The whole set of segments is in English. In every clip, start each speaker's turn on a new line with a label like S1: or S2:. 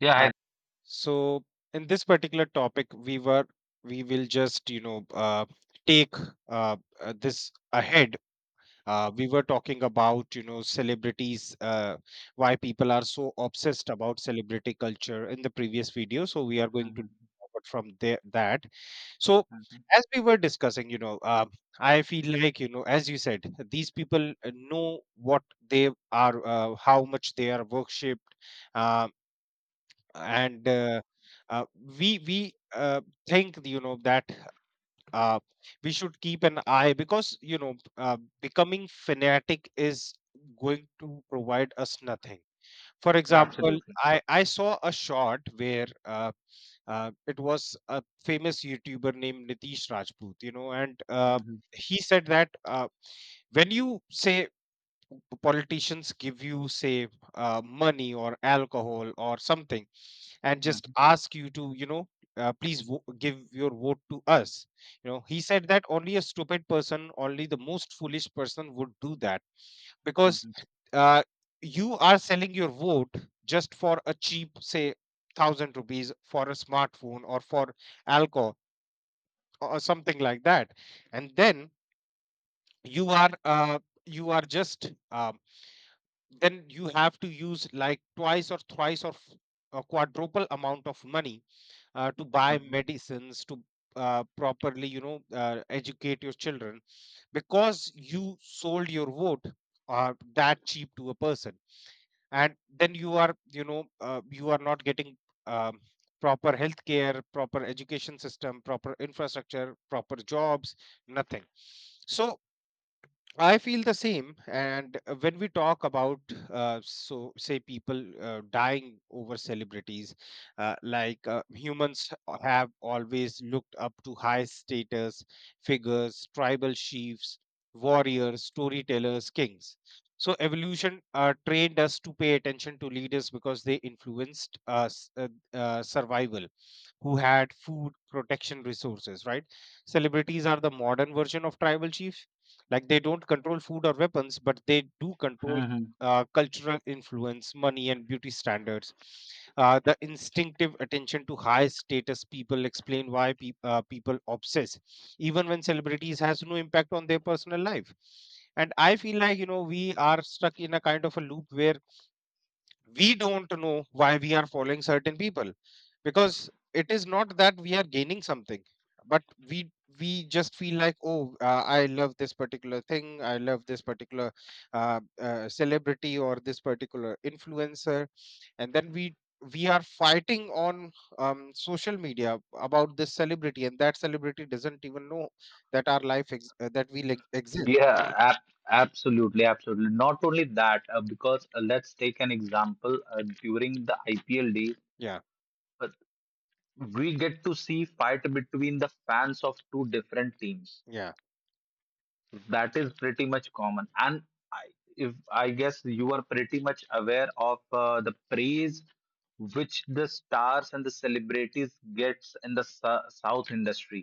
S1: Yeah,
S2: Hi.
S1: I,
S2: So in this particular topic, we will just take this ahead. We were talking about celebrities, why people are so obsessed about celebrity culture in the previous video. So we are going to
S1: mhm,
S2: talk about from there that. So
S1: mhm,
S2: as we were discussing, I feel like, as you said, these people know what they are, how much they are worshipped. uh, and we think that uh, we should keep an eye, because becoming fanatic is going to provide us nothing. For
S1: yeah,
S2: example,
S1: absolutely.
S2: I saw a shot where it was a famous youtuber named nitish rajput, and
S1: Mhm,
S2: he said that when you say politicians give, you say, money or alcohol or something, and just
S1: mhm,
S2: ask you to please give your vote to us. He said that only a stupid person, only the most foolish person, would do that, because
S1: mhm,
S2: uh, you are selling your vote just for a cheap, say, 1,000 rupees for a smartphone or for alcohol or something like that. And then you are uh, you are just then you have to use like twice or thrice or a quadruple amount of money, to buy
S1: mhm,
S2: medicines, to properly educate your children, because you sold your vote that cheap to a person. And then you are not getting um, proper healthcare, proper education system, proper infrastructure, proper jobs, nothing. So I feel the same. And when we talk about, people dying over celebrities, like, humans have always looked up to high status figures, tribal chiefs, warriors, storytellers, kings. So evolution trained us to pay attention to leaders, because they influenced us survival, who had food, protection, resources. Right? Celebrities are the modern version of tribal chiefs. Like, they don't control food or weapons, but they do control
S1: mhm.
S2: cultural influence, money, and beauty standards. The instinctive attention to high status people explain why people obsess, even when celebrities has no impact on their personal life. And I feel like we are stuck in a kind of a loop where we don't know why we are following certain people, because it is not that we are gaining something, but we we just feel like, oh, I love this particular thing, I love this particular celebrity or this particular influencer. And then we are fighting on social media about this celebrity, and that celebrity doesn't even know that our life ex- that we like exist.
S1: Yeah, ab Absolutely, absolutely. Not only that, because let's take an example during the IPL day,
S2: Yeah,
S1: but we get to see fight between the fans of two different teams.
S2: yeah.
S1: That is pretty much common. And I, if I guess you are pretty much aware of the praise which the stars and the celebrities gets in the South industry.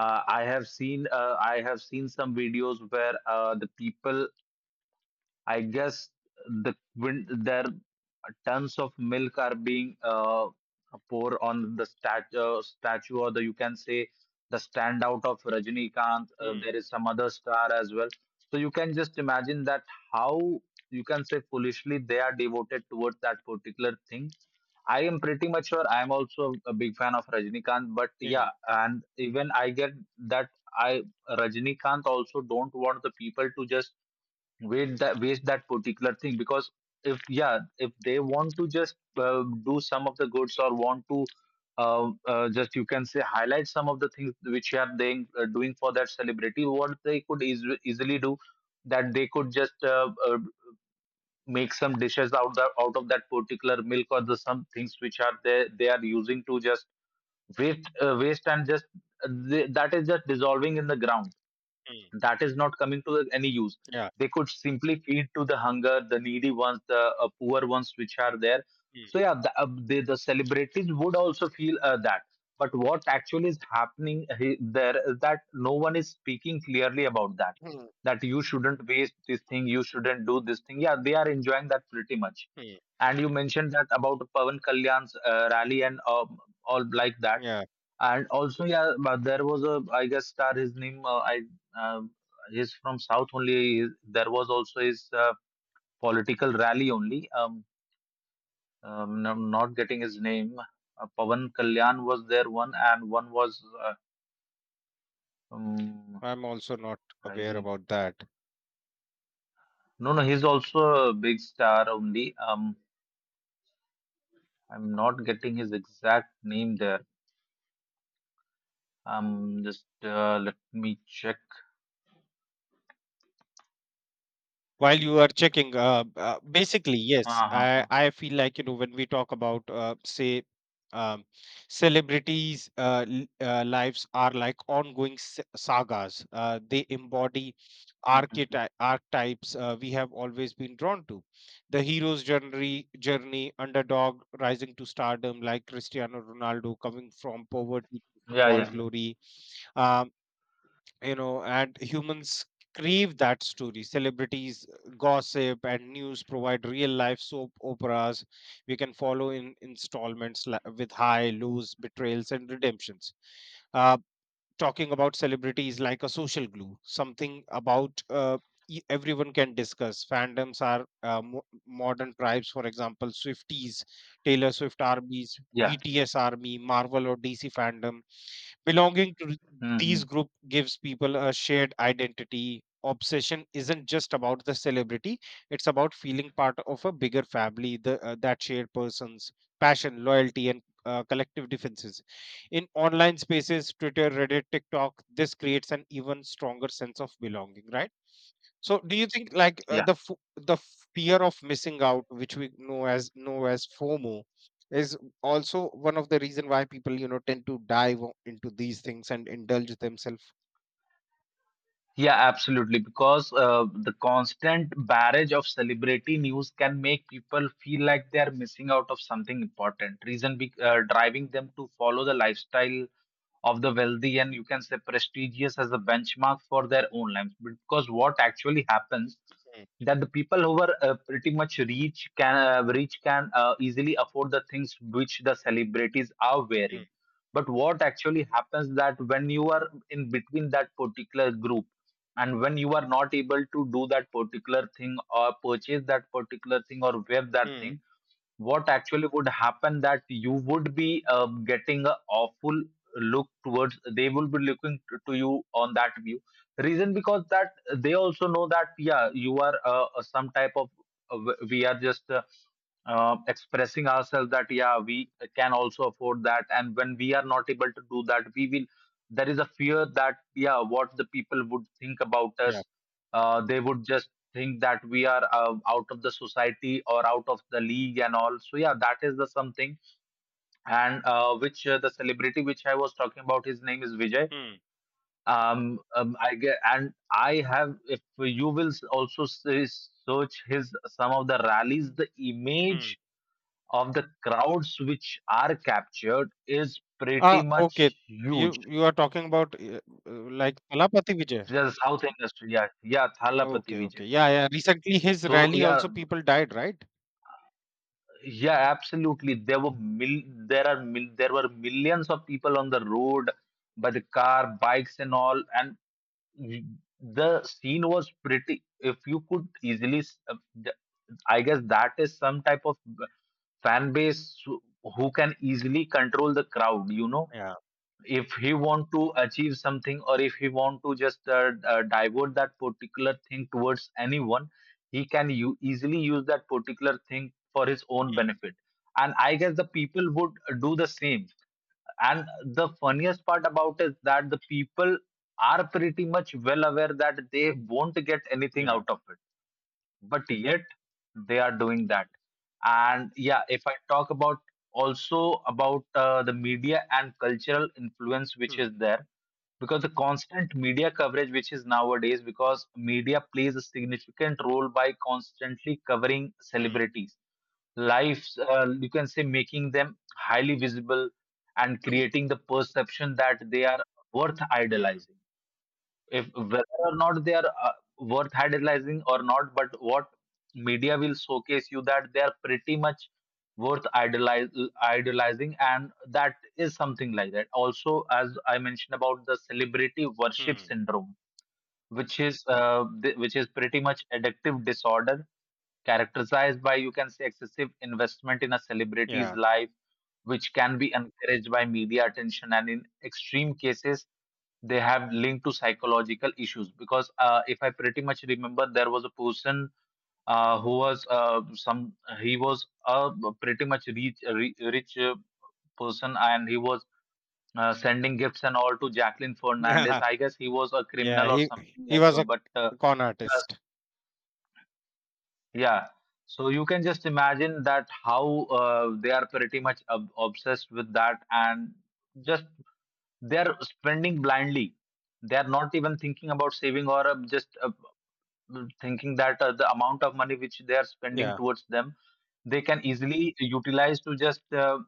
S1: I have seen some videos where the people, I guess the when their tons of milk are being poured on the statue or the you can say the standout of Rajinikanth.
S2: Hmm.
S1: There is some other star as well. So you can just imagine that how you can say foolishly they are devoted towards that particular thing. I am pretty much sure I am also a big fan of Rajnikant, but
S2: Yeah.
S1: yeah, and even I get that I Rajnikant also don't want the people to just wait that waste that particular thing. Because if yeah, if they want to just do some of the goods or want to just you can say highlight some of the things which you are doing doing for that celebrity, what they could easily do, that they could just make some dishes out of that particular milk or the some things which are they are using to just waste and just that is just dissolving in the ground,
S2: Hmm.
S1: that is not coming to any use.
S2: Yeah.
S1: They could simply feed to the hunger, the needy ones, the poor ones which are there.
S2: Hmm.
S1: So yeah, the celebrities would also feel that. But what actually is happening there is that no one is speaking clearly about that.
S2: Hmm.
S1: That you shouldn't waste this thing, you shouldn't do this thing. Yeah, they are enjoying that pretty much.
S2: Hmm.
S1: And you mentioned that about Pavan Kalyan's rally and all like that.
S2: Yeah.
S1: And also, yeah, but there was a, I guess, star. His name, um he's from South only. There was also his political rally only. I'm not getting his name. Pavan Kalyan was there one, and one was, um,
S2: I'm also not aware
S1: I,
S2: about that.
S1: no, no, he's also a big star only. I'm not getting his exact name there. Just let me check.
S2: While you are checking, basically, yes,
S1: Uh huh.
S2: I feel like, when we talk about, um, celebrities' lives are like ongoing sagas. They embody
S1: Mm-hmm.
S2: archetypes we have always been drawn to. The hero's journey, underdog rising to stardom, like Cristiano Ronaldo coming from poverty to
S1: Yeah,
S2: football
S1: yeah,
S2: glory. um, and humans crave that story. Celebrities gossip and news provide real life soap operas we can follow in installments, with high lows, betrayals, and redemptions. Uh, talking about celebrities, like a social glue, something about everyone can discuss. Fandoms are modern tribes, for example, Swifties, Taylor Swift armies,
S1: yeah.
S2: BTS army, Marvel or DC fandom. Belonging to
S1: Mm-hmm.
S2: these group gives people a shared identity. Obsession isn't just about the celebrity; it's about feeling part of a bigger family. The That shared person's passion, loyalty, and collective defenses. In online spaces, Twitter, Reddit, TikTok, this creates an even stronger sense of belonging, right? So do you think like
S1: Yeah,
S2: the fear of missing out, which we know as FOMO, is also one of the reason why people tend to dive into these things and indulge themselves?
S1: yeah, absolutely. Because the constant barrage of celebrity news can make people feel like they are missing out of something important. Reason be driving them to follow the lifestyle of the wealthy and you can say prestigious as a benchmark for their own lives. Because what actually happens
S2: Mm,
S1: that the people who are pretty much rich can easily afford the things which the celebrities are
S2: mm,
S1: wearing. But what actually happens that when you are in between that particular group, and when you are not able to do that particular thing or purchase that particular thing or wear that
S2: mm.
S1: thing, what actually would happen that you would be getting a awful look towards, they will be looking to you on that view, reason because that they also know that yeah you are some type of, we are just expressing ourselves that yeah we can also afford that, and when we are not able to do that we will, there is a fear that yeah what the people would think about
S2: Yeah.
S1: us. They would just think that we are out of the society or out of the league and all. So yeah, that is the something. And which the celebrity which I was talking about, his name is Vijay.
S2: Mm,
S1: I get And I have, if you will search his, some of the rallies, the
S2: mm.
S1: image of the crowds which are captured is pretty
S2: Ah, okay.
S1: much huge.
S2: You are talking about uh, like Talapati Vijay.
S1: The South industry, yeah, yeah,
S2: Oh,
S1: Thalapathy
S2: okay, okay.
S1: Vijay.
S2: Yeah, yeah. Recently, his
S1: So
S2: rally
S1: yeah,
S2: also people died, right?
S1: yeah, absolutely. There were mil there are mil there were millions of people on the road by the car, bikes and all, and y- the scene was pretty. If you could easily, th- I guess that is some type of uh, fan base who can easily control the crowd, you know,
S2: Yeah.
S1: if he want to achieve something or if he want to just divert that particular thing towards anyone, he can easily use that particular thing for his own
S2: Mm,
S1: benefit. And I guess the people would do the same. And the funniest part about is that the people are pretty much well aware that they won't get anything
S2: yeah.
S1: out of it, but yet they are doing that.
S2: Mm,
S1: And yeah, if I talk about also about the media and cultural influence which is
S2: mm,
S1: there, because the constant media coverage which is nowadays, because media plays a significant role by constantly covering
S2: mm,
S1: celebrities lives, you can say making them highly visible and creating the perception that they are worth
S2: mm,
S1: idolizing. If whether or not they are worth idolizing or not, but what media will showcase you that they are pretty much worth idolize, idolizing. And that is something like that also as I mentioned about the celebrity worship
S2: mm.
S1: syndrome, which is which is pretty much addictive disorder, characterized by you can say excessive investment in a celebrity's
S2: Yeah.
S1: life, which can be encouraged by media attention, and in extreme cases they have linked to psychological issues. Because if I pretty much remember, there was a person who was some, he was a pretty much rich person, and he was sending gifts and all to Jacqueline Fernandez.
S2: Yeah.
S1: I guess he was a
S2: Yeah,
S1: criminal or
S2: he
S1: something
S2: he
S1: like
S2: was
S1: that,
S2: a
S1: but
S2: con
S1: yes,
S2: artist.
S1: yeah. So you can just imagine that how they are pretty much obsessed with that. And just they are spending blindly, they are not even thinking about saving or just thinking that the amount of money which they are spending
S2: Yeah,
S1: towards them, they can easily utilize to just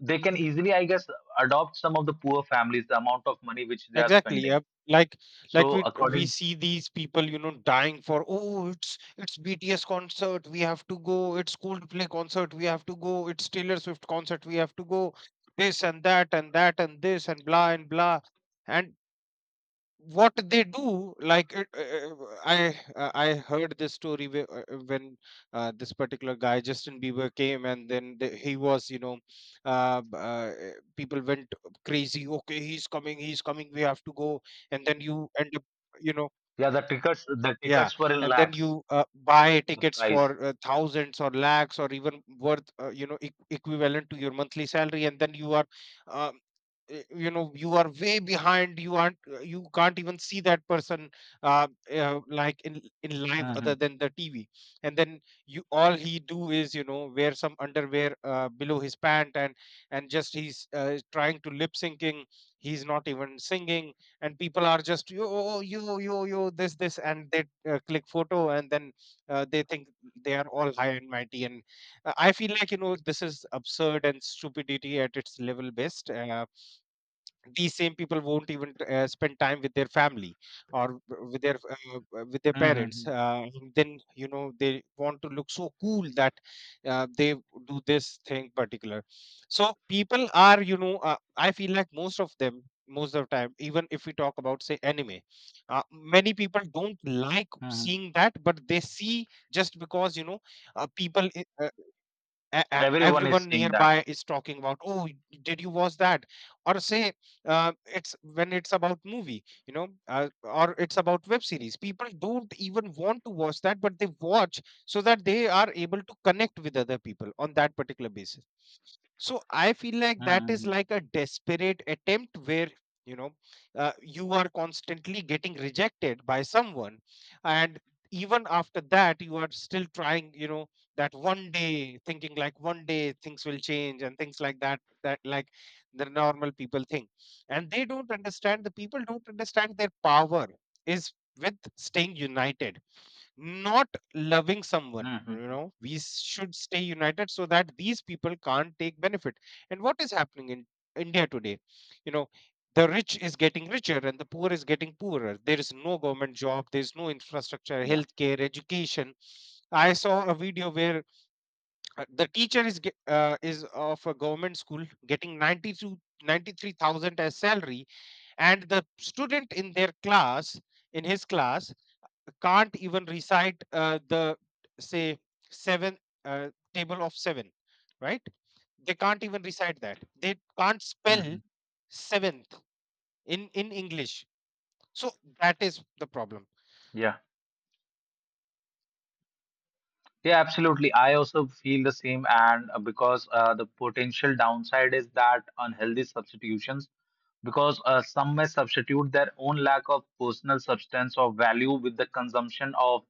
S1: they can easily I guess adopt some of the poor families, the amount of money which they are
S2: exactly.
S1: spending.
S2: Yep. Like,
S1: So
S2: we
S1: according,
S2: see these people, dying for, oh, it's BTS concert, we have to go. It's Coldplay concert, we have to go. It's Taylor Swift concert, we have to go. This and that and that and this and blah and blah. And what they do, like, it, I I heard this story when this particular guy, Justin Bieber, came, and then the, he was you know b- people went crazy. Okay, he's coming, he's coming, we have to go, and then you end up, you know
S1: yeah, the tickets, the
S2: yeah,
S1: tickets were in
S2: and then
S1: lakhs,
S2: you buy
S1: the
S2: tickets
S1: price.
S2: for thousands or lakhs, or even worth equivalent to your monthly salary. And then uh, you are way behind. You can't even see that person, like, in live, other
S1: Mhm.
S2: than the TV. And then you all he do is wear some underwear below his pant, and just he's trying to lip syncing. He's not even singing. And people are just, yo, yo, yo, yo, this, and they click photo. And then they think they are all high and mighty. And I feel like this is absurd, and stupidity at its level best. These same people won't even spend time with their family or with their parents,
S1: Mhm.
S2: and then they want to look so cool that they do this thing particular. So people are, I feel like, most of them, most of the time, even if we talk about say anime, uh, many people don't like
S1: Mhm.
S2: seeing that, but they see, just because people I- e- e-
S1: Everyone is
S2: everyone
S1: seeing that.
S2: nearby is talking about, oh, did you watch that, or say, it's when it's about movie, or it's about web series. People don't even want to watch that, but they watch, so that they are able to connect with other people on that particular basis. So I feel like that is
S1: Mhm.
S2: like a desperate attempt where, you know you are constantly getting rejected by someone, and even after that you are still trying. That one day, thinking like one day things will change, and things like that. That, like, the normal people think, and they don't understand. The people don't understand their power is with staying united, not loving someone.
S1: Mhm.
S2: We should stay united so that these people can't take benefit. And what is happening in India today, you know the rich is getting richer and the poor is getting poorer. There is no government job, there is no infrastructure,
S1: Yeah.
S2: healthcare, education. I saw a video where the teacher is of a government school getting 92, 93,000 as salary. And the student in their class, in his class, can't even recite the, say, seven uh, table of seven. Right? They can't even recite that, they can't spell
S1: Mhm.
S2: seventh in English. So that is the problem.
S1: Yeah. Yeah, absolutely. I also feel the same. And because the potential downside is that unhealthy substitutions, because some may substitute their own lack of personal substance or value with the consumption of,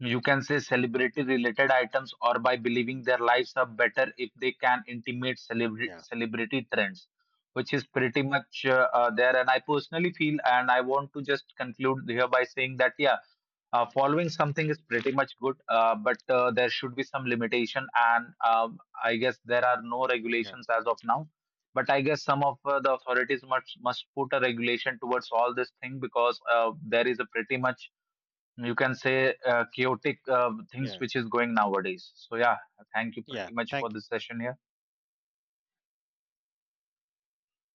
S1: you can say, celebrity-related items, or by believing their lives are better if they can intimate
S2: Yeah.
S1: celebrity trends, which is pretty much there. And I personally feel, and I want to just conclude here by saying that, yeah, following something is pretty much good, but there should be some limitation, and I guess there are no
S2: Yeah.
S1: regulations as of now. But I guess some of the authorities must put a regulation towards all this thing, because there is a pretty much you can say chaotic things
S2: Yeah.
S1: which is going nowadays. So yeah, thank you
S2: Yeah,
S1: pretty much for
S2: thank
S1: this
S2: you.
S1: session here.